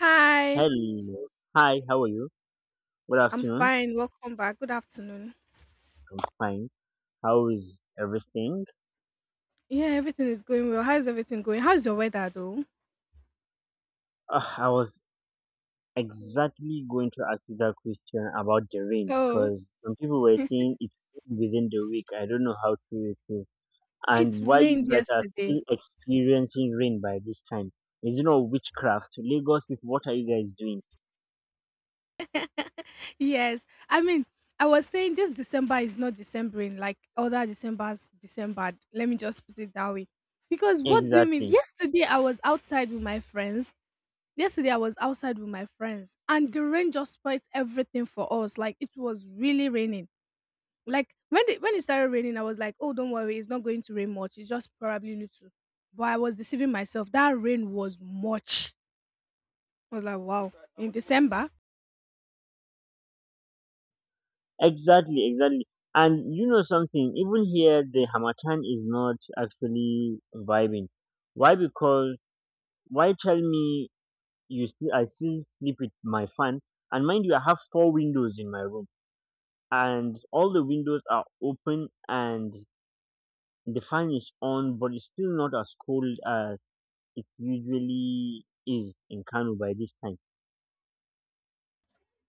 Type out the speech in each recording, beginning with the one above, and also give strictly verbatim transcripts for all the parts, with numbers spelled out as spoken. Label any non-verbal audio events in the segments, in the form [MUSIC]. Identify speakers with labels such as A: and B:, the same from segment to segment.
A: Hi,
B: Hello. Hi, how are you? Good
A: I'm
B: afternoon.
A: fine. Welcome back. Good afternoon.
B: I'm fine. How is everything?
A: Yeah, everything is going well. How's everything going? How's your weather though?
B: Uh, I was exactly going to ask you that question about the rain
A: Oh,
B: because some people were saying it's within the week. I don't know how true it is.
A: it
B: And why
A: rained
B: you guys are
A: yesterday.
B: still
A: [LAUGHS]
B: experiencing rain by this time? Is it not witchcraft? Lagos people, what are you guys doing?
A: Yes, I mean, I was saying this December is not Decembering like other December's December. Let me just put it that way. Because what do you mean?
B: Exactly.
A: Yesterday I was outside with my friends. Yesterday I was outside with my friends, and the rain just spoilt everything for us. Like it was really raining. Like when the, when it started raining, I was like, "Oh, don't worry, it's not going to rain much. It's just probably little." But I was deceiving myself. That rain was much. I was like, "Wow!" In December,
B: Exactly, exactly. And you know something, even here the Hamatan is not actually vibing. Why? Because. Why, tell me, you still I still sleep with my fan? And mind you, I have four windows in my room, and all the windows are open, and the fan is on, but it's still not as cold as it usually is in Kano by this time.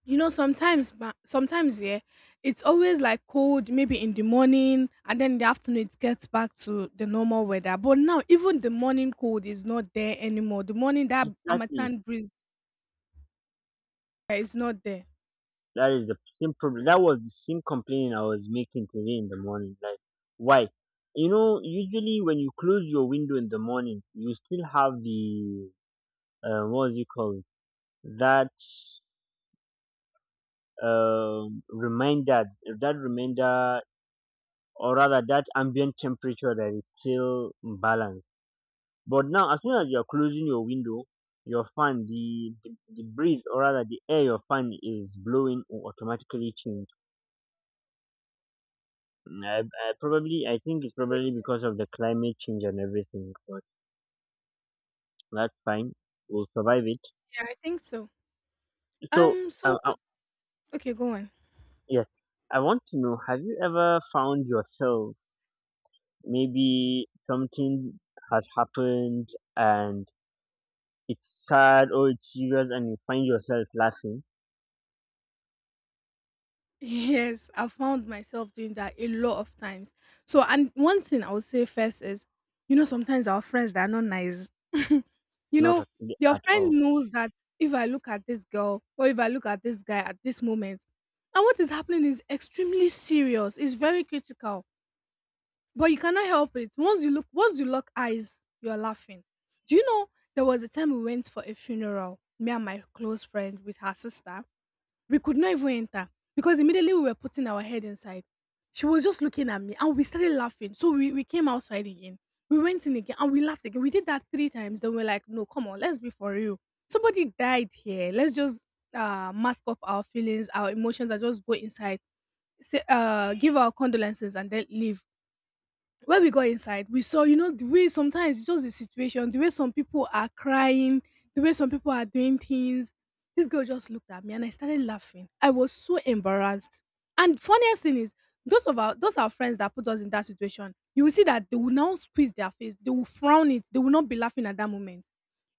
A: you know, sometimes, ma- sometimes yeah, it's always like cold, maybe in the morning, and then in the afternoon it gets back to the normal weather. But now, even the morning cold is not there anymore. The morning that
B: Exactly,
A: Amatan breeze yeah, is not there.
B: that is the same problem. That was the same complaint I was making today in the morning. Like, why? You know, usually when you close your window in the morning, you still have the, uh, what is it called? That um, reminder that reminder or rather that ambient temperature that is still balanced. But now as soon as you're closing your window, your fan, the, the the breeze, or rather the air your fan is blowing, will automatically change. Mm, I, I probably i think it's probably because of the climate change and everything, but that's fine, we'll survive it.
A: Yeah, I think so.
B: So,
A: Um, so
B: um, uh,
A: what- okay, go on.
B: yes, I want to know, have you ever found yourself, maybe something has happened, and it's sad or it's serious, and you find yourself laughing?
A: Yes, I found myself doing that a lot of times. So, and one thing I would say first is, you know, sometimes our friends that are not nice. You
B: Not
A: know,
B: at,
A: your
B: at
A: friend
B: all.
A: knows that if I look at this girl or if I look at this guy at this moment, and what is happening is extremely serious. It's very critical, but you cannot help it. Once you look, once you lock eyes, you are laughing. Do you know there was a time we went for a funeral, me and my close friend with her sister, we could not even enter because immediately we were putting our head inside. She was just looking at me and we started laughing. So we, we came outside again. We went in again and we laughed again. We did that three times. Then we're like, no, come on, let's be for real. Somebody died here. Let's just uh, mask up our feelings, our emotions, and just go inside, say, uh, give our condolences, and then leave when we got inside, we saw, you know, the way sometimes it's just the situation, the way some people are crying, the way some people are doing things. This girl just looked at me and I started laughing. I was so embarrassed. And funniest thing is, those of our those our friends that put us in that situation, you will see that they will now squeeze their face, they will frown it, they will not be laughing at that moment.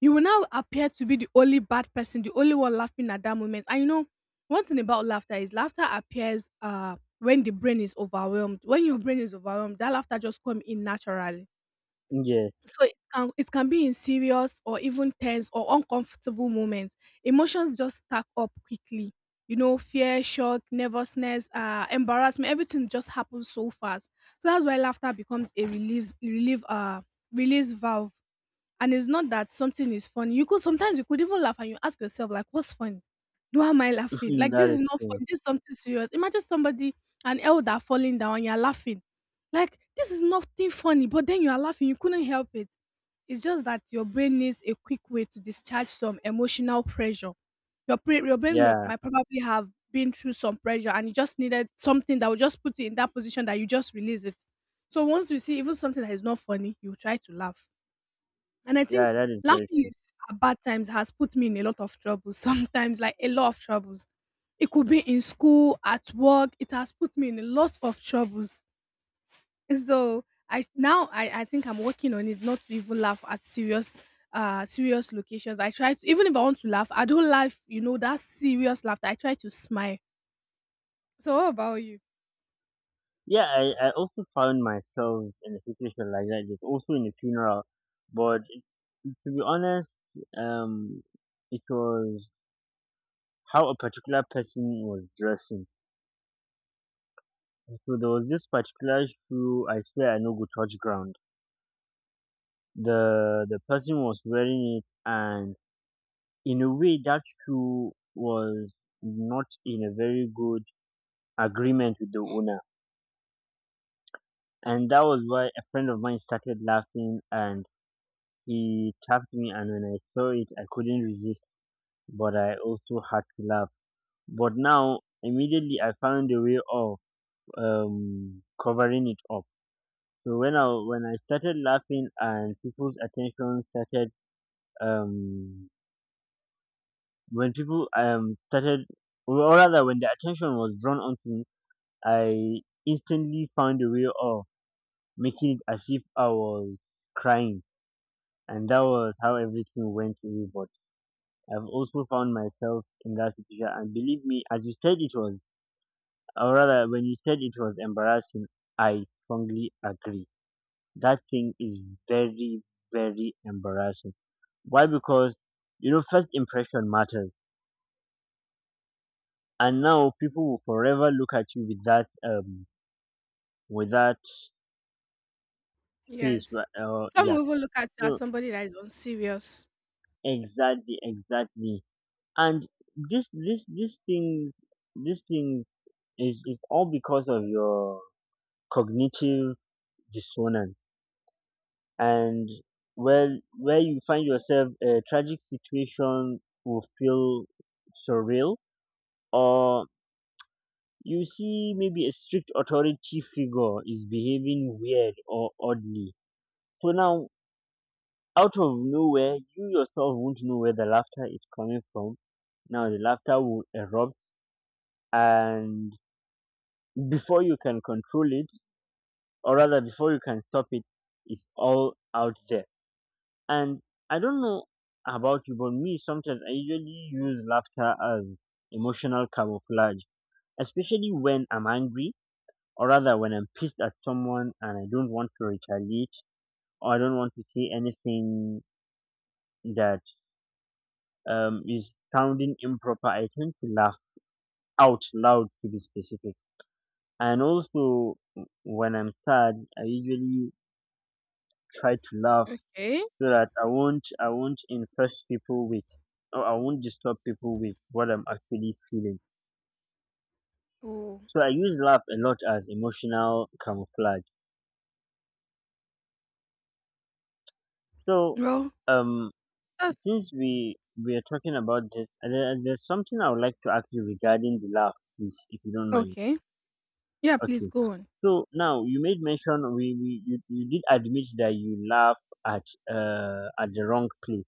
A: You will now appear to be the only bad person, the only one laughing at that moment. And you know, one thing about laughter is laughter appears uh when the brain is overwhelmed. When your brain is overwhelmed, that laughter just come in naturally.
B: Yes
A: So it can it can be in serious or even tense or uncomfortable moments. Emotions just stack up quickly. You know, fear, shock, nervousness, uh, embarrassment, everything just happens so fast. So that's why laughter becomes a relief relief uh release valve, and it's not that something is funny. You could sometimes you could even laugh and you ask yourself, like, what's funny? Why am I laughing?
B: [LAUGHS]
A: Like this
B: That
A: is
B: is
A: not
B: true.
A: funny. This is something serious. Imagine somebody, an elder falling down, you're laughing. Like this is nothing funny, but then you are laughing. You couldn't help it. It's just that your brain needs a quick way to discharge some emotional pressure. Your pre- your brain may-
B: Yeah,
A: might probably have been through some pressure, and you just needed something that would just put you in that position that you just release it. So once you see even something that is not funny, you try to laugh, and I think
B: yeah, that is very
A: laughing
B: true.
A: is at bad times has put me in a lot of trouble [LAUGHS] sometimes, like a lot of troubles. It could be in school, at work. It has put me in a lot of troubles. So I now I, I think I'm working on it not to even laugh at serious uh serious locations. I try to even if I want to laugh, I don't laugh, you know, that serious laughter. I try to smile. So what about you?
B: Yeah, i, I also found myself in a situation like that. It's also in a funeral, but to be honest, um it was how a particular person was dressing. So there was this particular shoe, I swear I know go touch ground. The the person was wearing it, and in a way that shoe was not in a very good agreement with the owner. And that was why a friend of mine started laughing, and he tapped me, and when I saw it I couldn't resist, but I also had to laugh. But now immediately I found a way of um covering it up. So when i when i started laughing and people's attention started, um when people um started, or rather when the attention was drawn onto me, I instantly found a way of making it as if I was crying. And that was how everything went away. But I've also found myself in that situation, and believe me, as you said it was, or rather when you said it was embarrassing, I strongly agree. That thing is very, very embarrassing. Why? Because you know, first impression matters, and now people will forever look at you with that, um with that face
A: Yes.
B: ri- uh,
A: Some
B: yeah.
A: will even look at you as
B: So
A: somebody that is unserious.
B: exactly, exactly. And this this this things this thing is is all because of your cognitive dissonance. And where where you find yourself, a tragic situation will feel surreal, or you see maybe a strict authority figure is behaving weird or oddly. So now, out of nowhere, you yourself won't know where the laughter is coming from. Now the laughter will erupt, and before you can control it, or rather before you can stop it, it's all out there. And I don't know about you, but me, sometimes I usually use laughter as emotional camouflage, especially when I'm angry, or rather when I'm pissed at someone and I don't want to retaliate, or I don't want to say anything that um, is sounding improper. I tend to laugh out loud to be specific. And also, w- when I'm sad, I usually try to laugh
A: Okay.
B: so that I won't I won't infest people with, or I won't disturb people with what I'm actually feeling.
A: Oh.
B: So I use laugh a lot as emotional camouflage. So,
A: Well,
B: um,
A: that's
B: since we we are talking about this, uh, there, there's something I would like to ask you regarding the laugh, please, if you don't mind.
A: okay. Yeah, please
B: Okay.
A: go on.
B: So now you made mention, we, we you, you did admit that you laugh at uh at the wrong place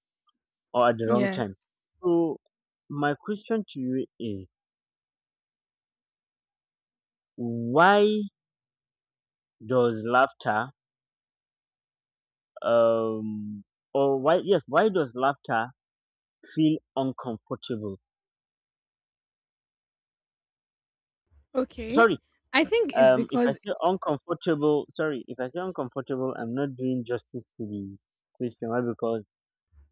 B: or at the wrong
A: Yes.
B: time. So my question to you is, why does laughter, um or why yes, why does laughter feel uncomfortable?
A: Okay.
B: Sorry,
A: I think it's
B: um if I
A: because
B: say
A: it's
B: uncomfortable, sorry if I say uncomfortable I'm not doing justice to the question. Why? Because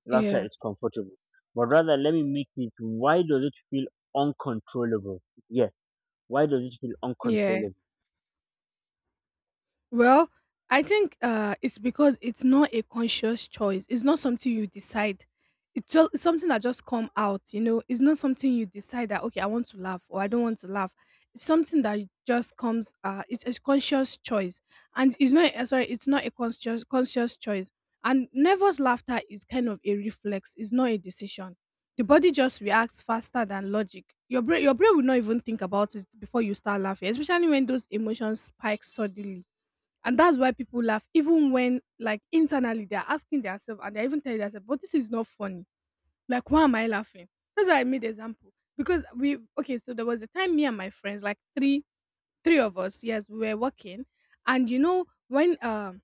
B: laughter
A: yeah.
B: is comfortable. But rather, let me make it, why does it feel uncontrollable? Yes, why does it feel
A: Yeah.
B: uncontrollable?
A: Well, I think uh, it's because it's not a conscious choice. It's not something you decide. It's just it's something that just come out. You know, it's not something you decide that okay, I want to laugh or I don't want to laugh. It's something that just comes. Uh, it's a conscious choice, and it's not. uh, Sorry, it's not a conscious conscious choice. And nervous laughter is kind of a reflex. It's not a decision. The body just reacts faster than logic. Your brain, your brain will not even think about it before you start laughing, especially when those emotions spike suddenly, and that's why people laugh, even when, like, internally they're asking themselves and they're even telling themselves, but this is not funny. Like, why am I laughing? That's why I made example. Because we, okay, so there was a time me and my friends, like three, three of us, yes, we were working. And you know, when um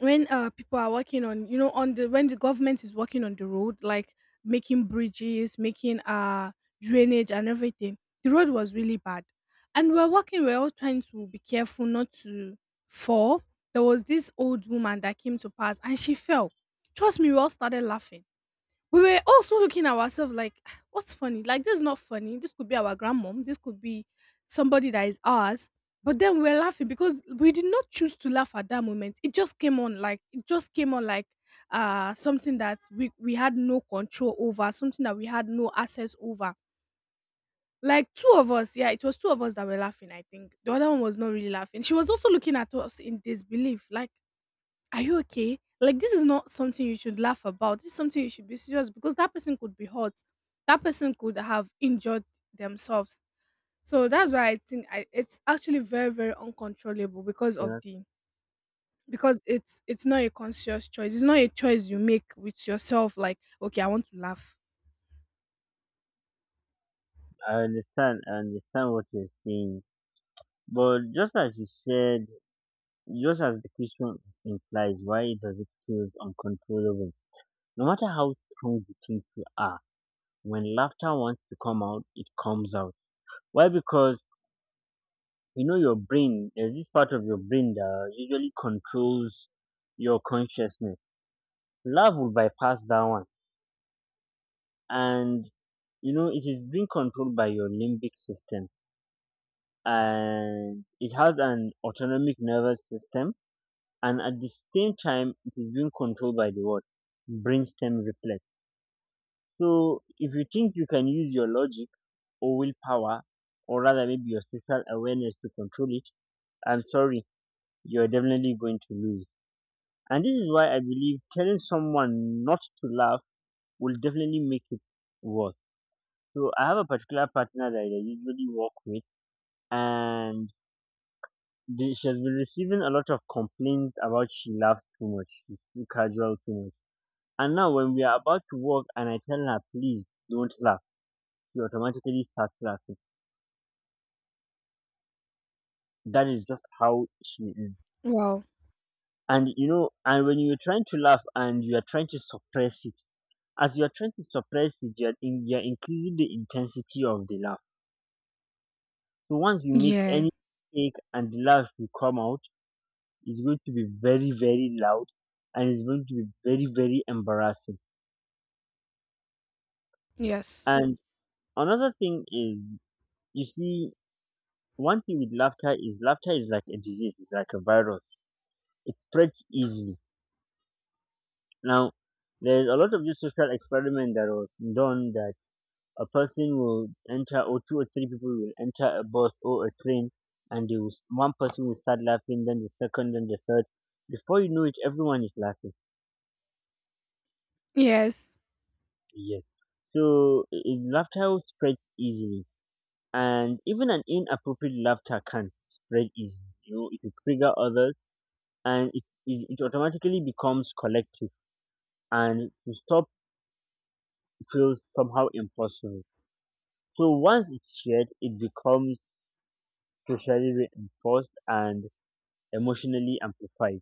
A: when uh people are working on you know on the when the government is working on the road, like making bridges, making uh drainage and everything. The road was really bad, and we're walking, we're all trying to be careful not to fall. There was this old woman that came to pass and she fell. Trust me, we all started laughing. We were also looking at ourselves like [SIGHS] what's funny, like this is not funny, this could be our grandmom, this could be somebody that is ours, but then we were laughing because we did not choose to laugh at that moment. It just came on, like it just came on, like uh something that we we had no control over, something that we had no access over. Like two of us, yeah, it was two of us that were laughing. I think the other one was not really laughing. She was also looking at us in disbelief like, are you okay? Like this is not something you should laugh about. This is something you should be serious, because that person could be hurt. That person could have injured themselves. So that's why I think I, it's actually very very uncontrollable because
B: You
A: of
B: know,
A: the because it's it's not a conscious choice. It's not a choice you make with yourself. Like okay, I want to laugh.
B: I understand, I understand what you're saying. But just as you said, just as the question implies, why does it feel uncontrollable? No matter how strong you think you are, when laughter wants to come out, it comes out. Why? Because you know your brain, there's this part of your brain that usually controls your consciousness, love will bypass that one, and you know it is being controlled by your limbic system, and it has an autonomic nervous system, and at the same time it is being controlled by the what, brainstem reflex. So if you think you can use your logic or willpower, or rather maybe your spiritual awareness to control it, I'm sorry, you're definitely going to lose. And this is why I believe telling someone not to laugh will definitely make it worse. So I have a particular partner that I usually work with, and the- she has been receiving a lot of complaints about, she laughs too much, she's too casual too much. And now when we are about to work, and I tell her, please don't laugh, she automatically starts laughing. That is just how she is.
A: Wow.
B: And you know, and when you're trying to laugh and you are trying to suppress it, as you are trying to suppress it, you are, in, you are increasing the intensity of the laugh. So once you make
A: Yeah,
B: any mistake and the laugh will come out, it's going to be very, very loud, and it's going to be very, very embarrassing.
A: yes,
B: And another thing is, you see, one thing with laughter is, laughter is like a disease, it's like a virus. It spreads easily. Now, there's a lot of this social experiment that was done, that a person will enter, or two or three people will enter a bus or a train, and they will, one person will start laughing, then the second, then the third. Before you know it, everyone is laughing.
A: yes,
B: Yes. So i- i- laughter spreads easily. And even an inappropriate laughter can spread easily. You know, it will trigger others, and it, it, it automatically becomes collective, and to stop feels somehow impossible. So once it's shared, it becomes socially reinforced and emotionally amplified.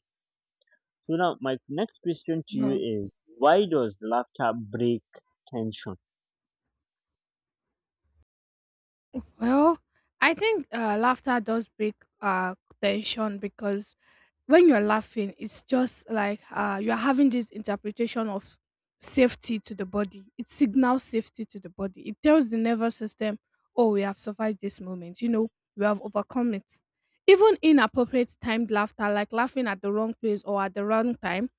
B: So now, my next question to you
A: yeah.
B: is: why does laughter break tension?
A: Well, I think uh, laughter does break uh tension because when you're laughing, it's just like uh, you're having this interpretation of safety to the body. It signals safety to the body. It tells the nervous system, oh, we have survived this moment. You know, we have overcome it. Even inappropriate timed laughter, like laughing at the wrong place or at the wrong time,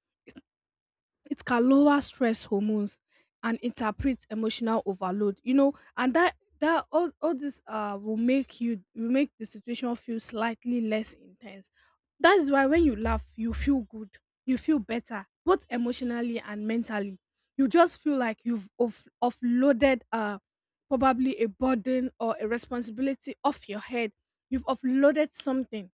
A: it can lower stress hormones and interpret emotional overload, you know, and that that all, all this uh will make you will make the situation feel slightly less intense. That is why when you laugh you feel good, you feel better both emotionally and mentally. You just feel like you've off- offloaded uh probably a burden or a responsibility off your head. You've offloaded something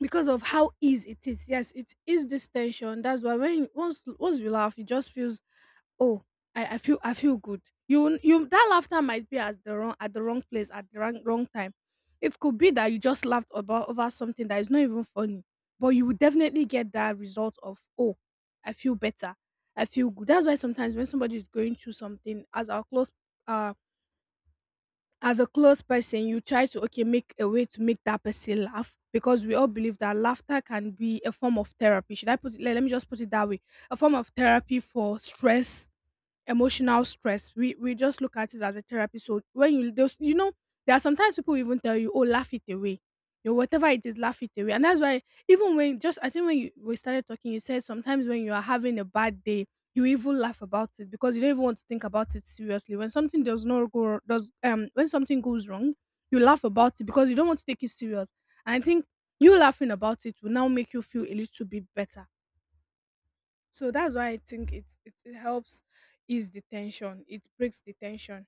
A: because of how easy it is. Yes, it is this tension. That's why when once once you laugh, it just feels oh, I, I feel, I feel good. You you that laughter might be at the wrong at the wrong place at the wrong wrong time. It could be that you just laughed about over something that is not even funny, but you would definitely get that result of oh, I feel better, I feel good. That's why sometimes when somebody is going through something, as our close uh as a close person, you try to okay make a way to make that person laugh, because we all believe that laughter can be a form of therapy. Should I put it? Let, let me just put it that way: a form of therapy for stress, emotional stress. We we just look at it as a therapy. So when you those you know, there are sometimes people will even tell you, oh, laugh it away. You know, whatever it is, laugh it away. And that's why even when just I think when you we started talking, you said sometimes when you are having a bad day, you even laugh about it because you don't even want to think about it seriously. When something does not go does um when something goes wrong, you laugh about it because you don't want to take it serious. And I think you laughing about it will now make you feel a little bit better, so that's why I think it, it it helps ease the tension. It breaks the tension.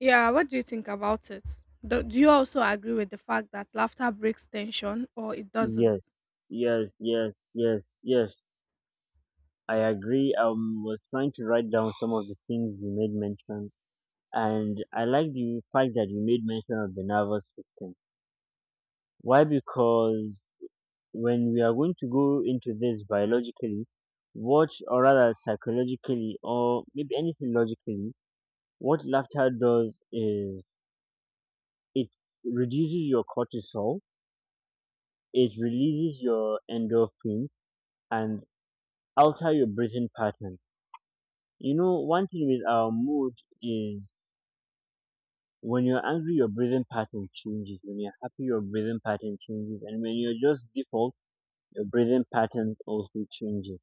A: Yeah, what do you think about it? Do, do you also agree with the fact that laughter breaks tension or it doesn't?
B: Yes, yes, yes, yes, yes. I agree. I um, was trying to write down some of the things you made mention, and I like the fact that you made mention of the nervous system. Why? Because when we are going to go into this biologically, what, or rather psychologically, or maybe anything logically, what laughter does is, it reduces your cortisol, it releases your endorphin and alter your breathing pattern. You know, one thing with our mood is, when you're angry, your breathing pattern changes. When you're happy, your breathing pattern changes. And when you're just default, your breathing pattern also changes.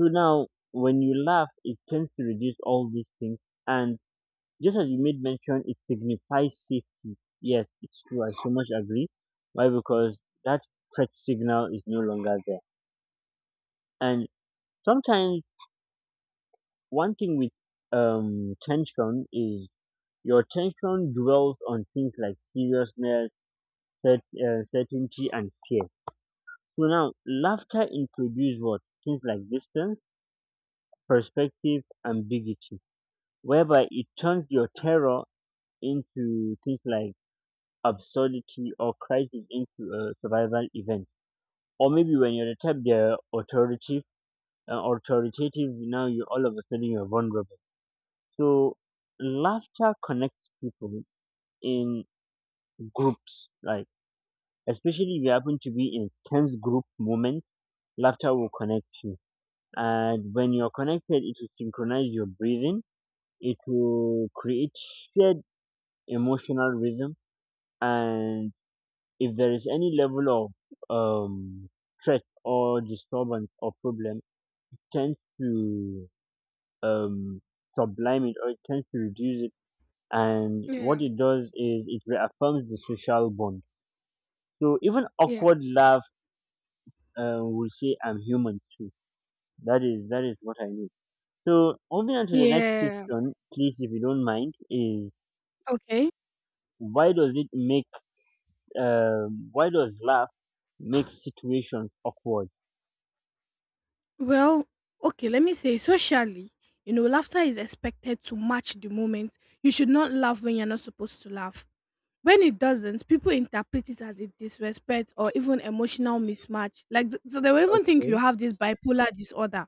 B: So now, when you laugh, it tends to reduce all these things. And just as you made mention, it signifies safety. Yes, it's true. I so much agree. Why? Because that threat signal is no longer there. And sometimes, one thing with um, tension is, your tension dwells on things like seriousness, cert, uh, certainty and fear. So now laughter introduces what, things like distance, perspective, ambiguity, whereby it turns your terror into things like absurdity, or crisis into a survival event. Or maybe when you're the type they're authoritative, uh, authoritative, now you all of a sudden you're vulnerable. So laughter connects people in groups, like, especially if you happen to be in tense group moment, laughter will connect you, and when you're connected it will synchronize your breathing, it will create shared emotional rhythm. And if there is any level of um threat or disturbance or problem, it tends to um sublime it, or it tends to reduce it. And
A: Yeah.
B: what it does is, it reaffirms the social bond, so even
A: Yeah.
B: awkward laugh uh, will say, I'm human too. That is that is what I mean. So moving on to the next
A: Yeah.
B: question, please, if you don't mind, is,
A: Okay.
B: why does it make, um why does laugh make situations awkward?
A: Well, okay, let me say socially, you know, laughter is expected to match the moment. You should not laugh when you're not supposed to laugh. When it doesn't, people interpret it as a disrespect or even emotional mismatch. Like, th- so they will even think you
B: Okay,
A: have this bipolar disorder.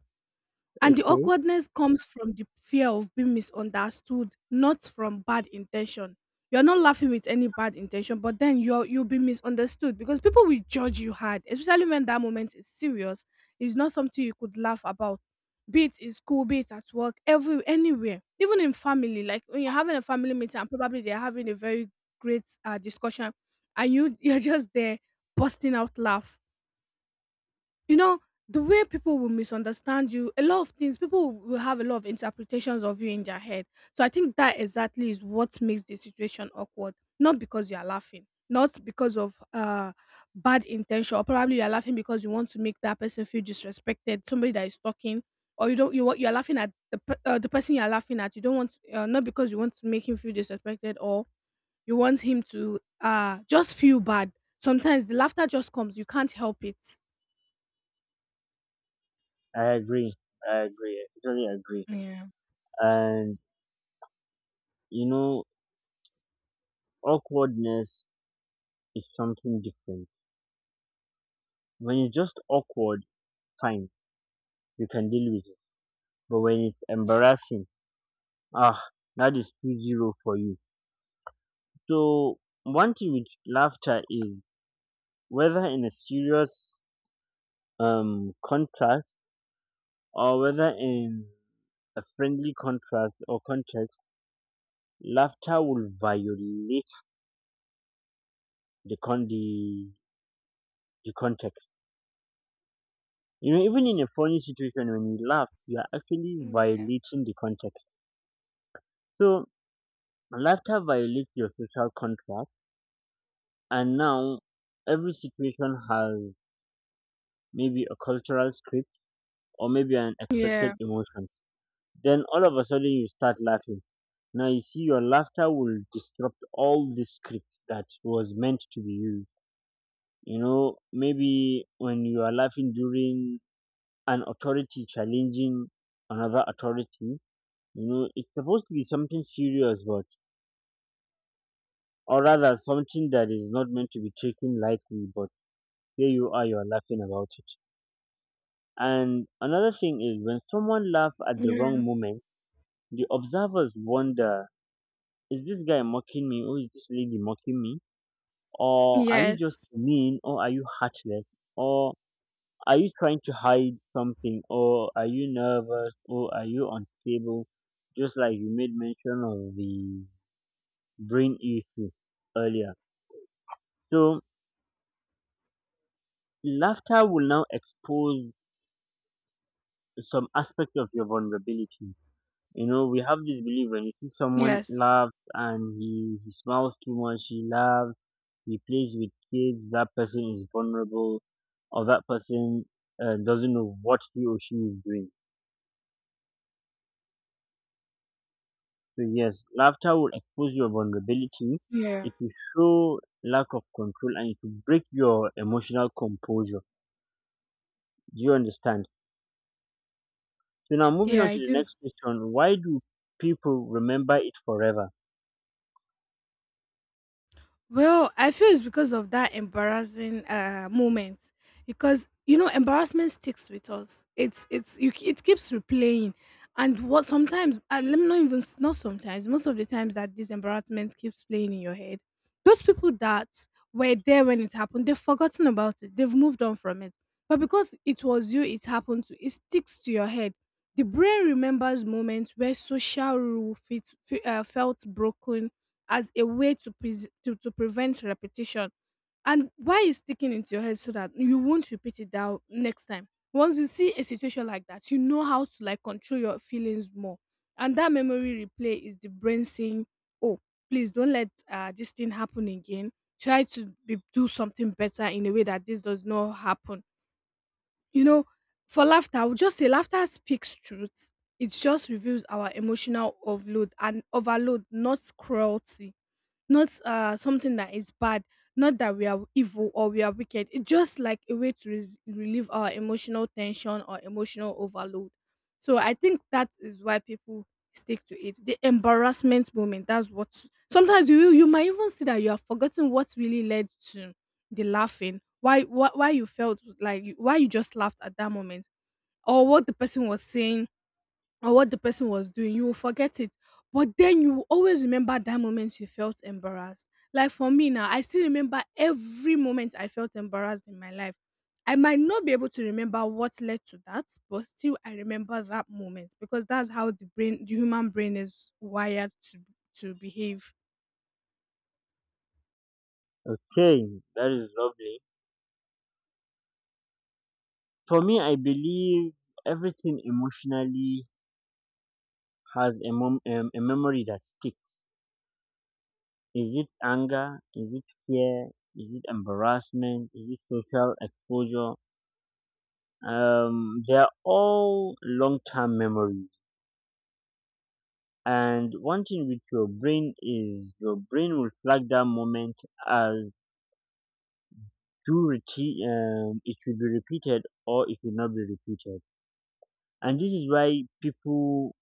A: And the
B: okay,
A: awkwardness comes from the fear of being misunderstood, not from bad intention. You're not laughing with any bad intention, but then you're you'll be misunderstood because people will judge you hard, especially when that moment is serious. It's not something you could laugh about. Be it in school, be it at work, every anywhere, even in family. Like when you're having a family meeting and probably they're having a very great uh, discussion, and you [LAUGHS] you're just there busting out laugh, you know, the way people will misunderstand you, a lot of things, people will have a lot of interpretations of you in their head. So I think that exactly is what makes the situation awkward, not because you are laughing, not because of uh bad intention, or probably you are laughing because you want to make that person feel disrespected, somebody that is talking. Or you don't, you want, you are laughing at the pe- uh, the person you are laughing at, you don't want, uh, not because you want to make him feel disrespected, or you want him to uh just feel bad. Sometimes the laughter just comes, you can't help it.
B: I agree, I agree, I totally agree.
A: Yeah.
B: And you know, awkwardness is something different. When it's just awkward, fine, you can deal with it. But when it's embarrassing, ah, that is two zero for you. So one thing with laughter is whether in a serious um, contrast or whether in a friendly contrast or context, laughter will violate the con the, the context. You know, even in a funny situation, when you laugh, you are actually
A: Yeah.
B: violating the context. So laughter violates your social contract, and now every situation has maybe a cultural script or maybe an expected
A: Yeah.
B: emotion. Then all of a sudden you start laughing. Now you see, your laughter will disrupt all the scripts that was meant to be used. You know, maybe when you are laughing during an authority challenging another authority, you know, it's supposed to be something serious, but or rather something that is not meant to be taken lightly, but here you are, you are laughing about it. And another thing is, when someone laughs at the
A: Yeah.
B: wrong moment, the observers wonder, is this guy mocking me, or is this lady mocking me? Or are you just
A: Yes.
B: mean, or are you heartless, or are you trying to hide something, or are you nervous, or are you unstable? Just like you made mention of the brain issue earlier. So laughter will now expose some aspect of your vulnerability. You know, we have this belief: when you see someone
A: Yes.
B: laugh and he, he smiles too much, he laughs, he plays with kids, that person is vulnerable, or that person uh, doesn't know what he or she is doing. So, yes, laughter will expose your vulnerability,
A: Yeah.
B: it will show lack of control, and it will break your emotional composure. Do you understand? So, now moving
A: Yeah,
B: on
A: I
B: to the
A: do.
B: next question: why do people remember it forever?
A: Well, I feel it's because of that embarrassing uh moment, because you know embarrassment sticks with us. It's it's you, it keeps replaying, and what sometimes, and let me not even s- not sometimes, most of the times that this embarrassment keeps playing in your head. Those people that were there when it happened, they've forgotten about it. They've moved on from it. But because it was you, it happened to. It sticks to your head. The brain remembers moments where social rule fit, fe- uh, felt broken as a way to, pres to to prevent repetition. And why is sticking into your head so that you won't repeat it down next time? Once you see a situation like that, you know how to like control your feelings more. And that memory replay is the brain saying, "Oh, please don't let uh, this thing happen again. Try to be, do something better in a way that this does not happen." You know, for laughter, I would just say laughter speaks truth. It just reveals our emotional overload and overload, not cruelty, not uh something that is bad, not that we are evil or we are wicked. It's just like a way to res- relieve our emotional tension or emotional overload. So I think that is why people stick to it, the embarrassment moment. That's what, sometimes you you might even see that you have forgotten what really led to the laughing, why why, why you felt like you- why you just laughed at that moment, or what the person was saying, or what the person was doing, you will forget it. But then you will always remember that moment you felt embarrassed. Like for me now, I still remember every moment I felt embarrassed in my life. I might not be able to remember what led to that, but still I remember that moment because that's how the brain, the human brain is wired to to behave.
B: Okay, that is lovely. For me, I believe everything emotionally has a, mom- um, a memory that sticks. Is it anger? Is it fear? Is it embarrassment? Is it social exposure? Um, they're all long term memories. And one thing with your brain is, your brain will flag that moment as too reti- um, it should be repeated, or it will not be repeated. And this is why people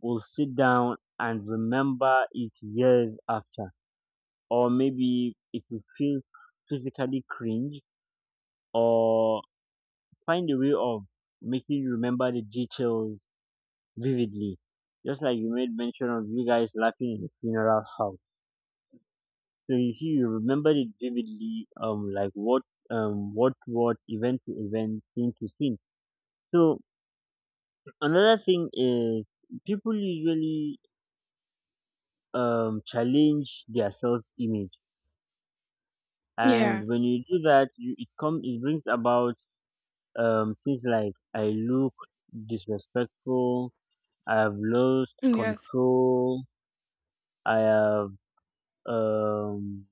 B: will sit down and remember it years after. Or maybe it will feel physically cringe, or find a way of making you remember the details vividly. Just like you made mention of you guys laughing in the funeral house. So you see, you remember it vividly, um, like what, um, what, what, event to event, scene to scene. So another thing is, people usually um challenge their self image,
A: Yeah.
B: and when you do that, you it comes, it brings about um things like, I look disrespectful, I've lost
A: Yes.
B: control, I have um,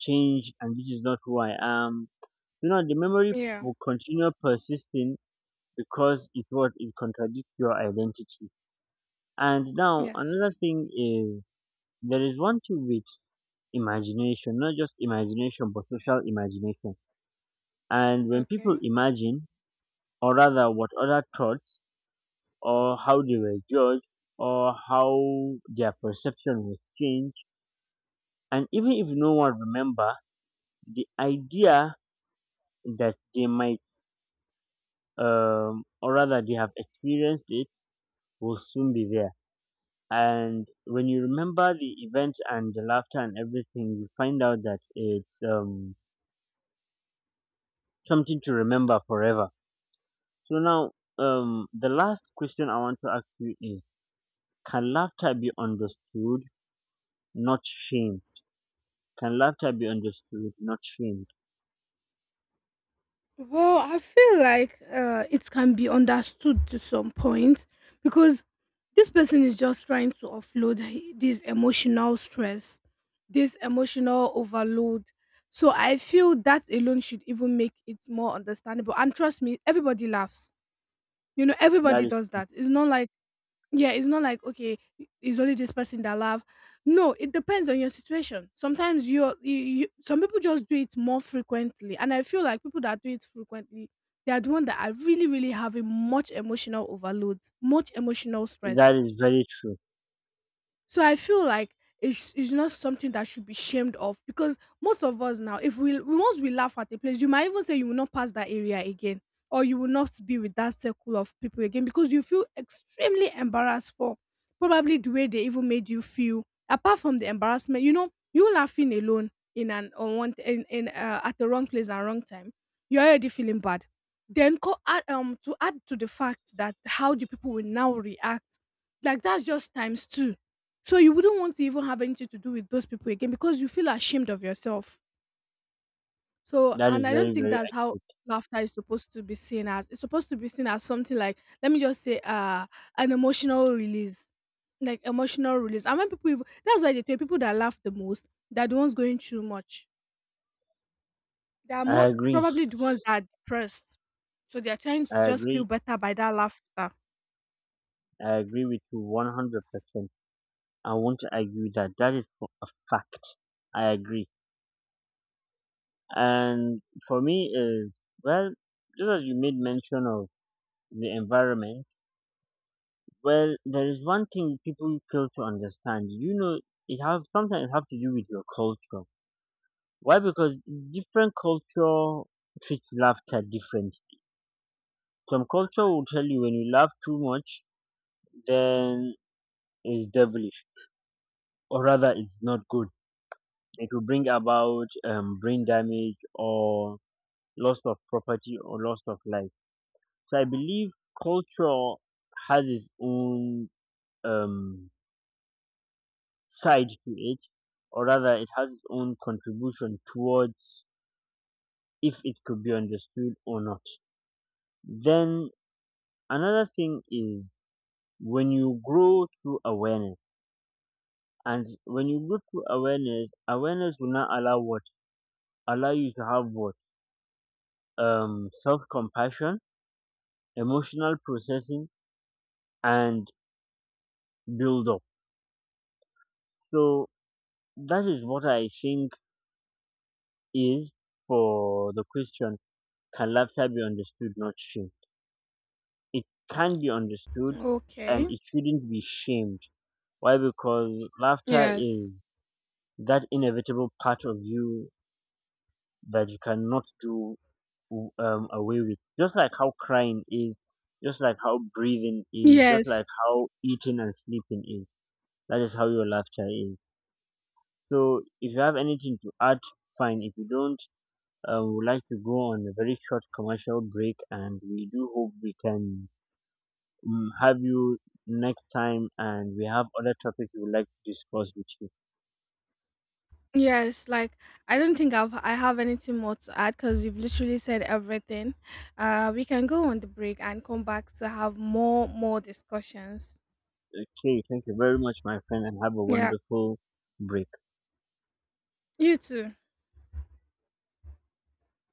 B: changed, and this is not who I am. You know, the memory
A: Yeah.
B: will continue persisting because it, what, it contradicts your identity. And now
A: Yes.
B: another thing is, there is one thing with imagination, not just imagination but social imagination. And when people
A: Okay.
B: imagine, or rather what other thoughts, or how they were judged, or how their perception was changed, and even if no one remember, the idea that they might um, or rather they have experienced it will soon be there. And when you remember the event and the laughter and everything, you find out that it's um, something to remember forever. So now, um, the last question I want to ask you is, can laughter be understood, not shame, can laughter be understood, not shamed?
A: Well, I feel like uh, it can be understood to some point, because this person is just trying to offload he- this emotional stress, this emotional overload. So I feel that alone should even make it more understandable. And trust me, everybody laughs. You know,
B: That
A: everybody
B: is,
A: does that. It's not like, yeah, it's not like okay, it's only this person that love. No, it depends on your situation. Sometimes you're, you, you some people just do it more frequently, and I feel like people that do it frequently, they are the one that are really, really having much emotional overloads, much emotional stress.
B: that is very true.
A: So I feel like it's, it's not something that should be shamed of, because most of us now, if we we- once we laugh at a place, you might even say you will not pass that area again, or you will not be with that circle of people again because you feel extremely embarrassed for probably the way they even made you feel. Apart from the embarrassment, you know, you laughing alone in an on one in, in uh, at the wrong place and wrong time, you're already feeling bad. Then co- add, um to add to the fact that how the people will now react, like that's just times two. So you wouldn't want to even have anything to do with those people again because you feel ashamed of yourself. So,
B: That
A: and
B: is
A: I don't
B: very,
A: think
B: very
A: that's how
B: accurate.
A: laughter is supposed to be seen as. It's supposed to be seen as something like, let me just say, uh, an emotional release, like emotional release. And when people, even, that's why they tell people that laugh the most, they're the ones going through much. They are
B: I
A: more
B: agree,
A: probably the ones that are depressed. So they are trying
B: I
A: to just feel
B: agree,
A: better by that laughter.
B: I agree with you one hundred percent. I won't argue that. That is for a fact. I agree. And for me is, well, just as you made mention of the environment, well, there is one thing people fail to understand. You know, it have, sometimes it have to do with your culture. Why? Because different culture treats laughter different. Some culture will tell you when you laugh too much, then it's devilish, or rather, it's not good. It will bring about um, brain damage or loss of property or loss of life. So I believe culture has its own um, side to it, or rather, it has its own contribution towards if it could be understood or not. Then another thing is, when you grow through awareness, and when you grow through awareness, awareness will not allow what, allow you to have what, um self compassion, emotional processing, and build up. So, that is what I think is for the question, can laughter be understood, not shamed? It can be understood, and
A: Okay.
B: it shouldn't be shamed. Why? Because laughter
A: Yes.
B: is that inevitable part of you that you cannot do um, away with. Just like how crying is, just like how breathing is, just
A: Yes.
B: like how eating and sleeping is. That is how your laughter is. So if you have anything to add, fine. If you don't, Uh, we would like to go on a very short commercial break, and we do hope we can mm have you next time. And we have other topics we would like to discuss with you.
A: Yes, like I don't think I've I have anything more to add because you've literally said everything. Uh, we can go on the break and come back to have more more discussions.
B: Okay, thank you very much, my friend, and have a
A: Yeah,
B: wonderful break.
A: you too.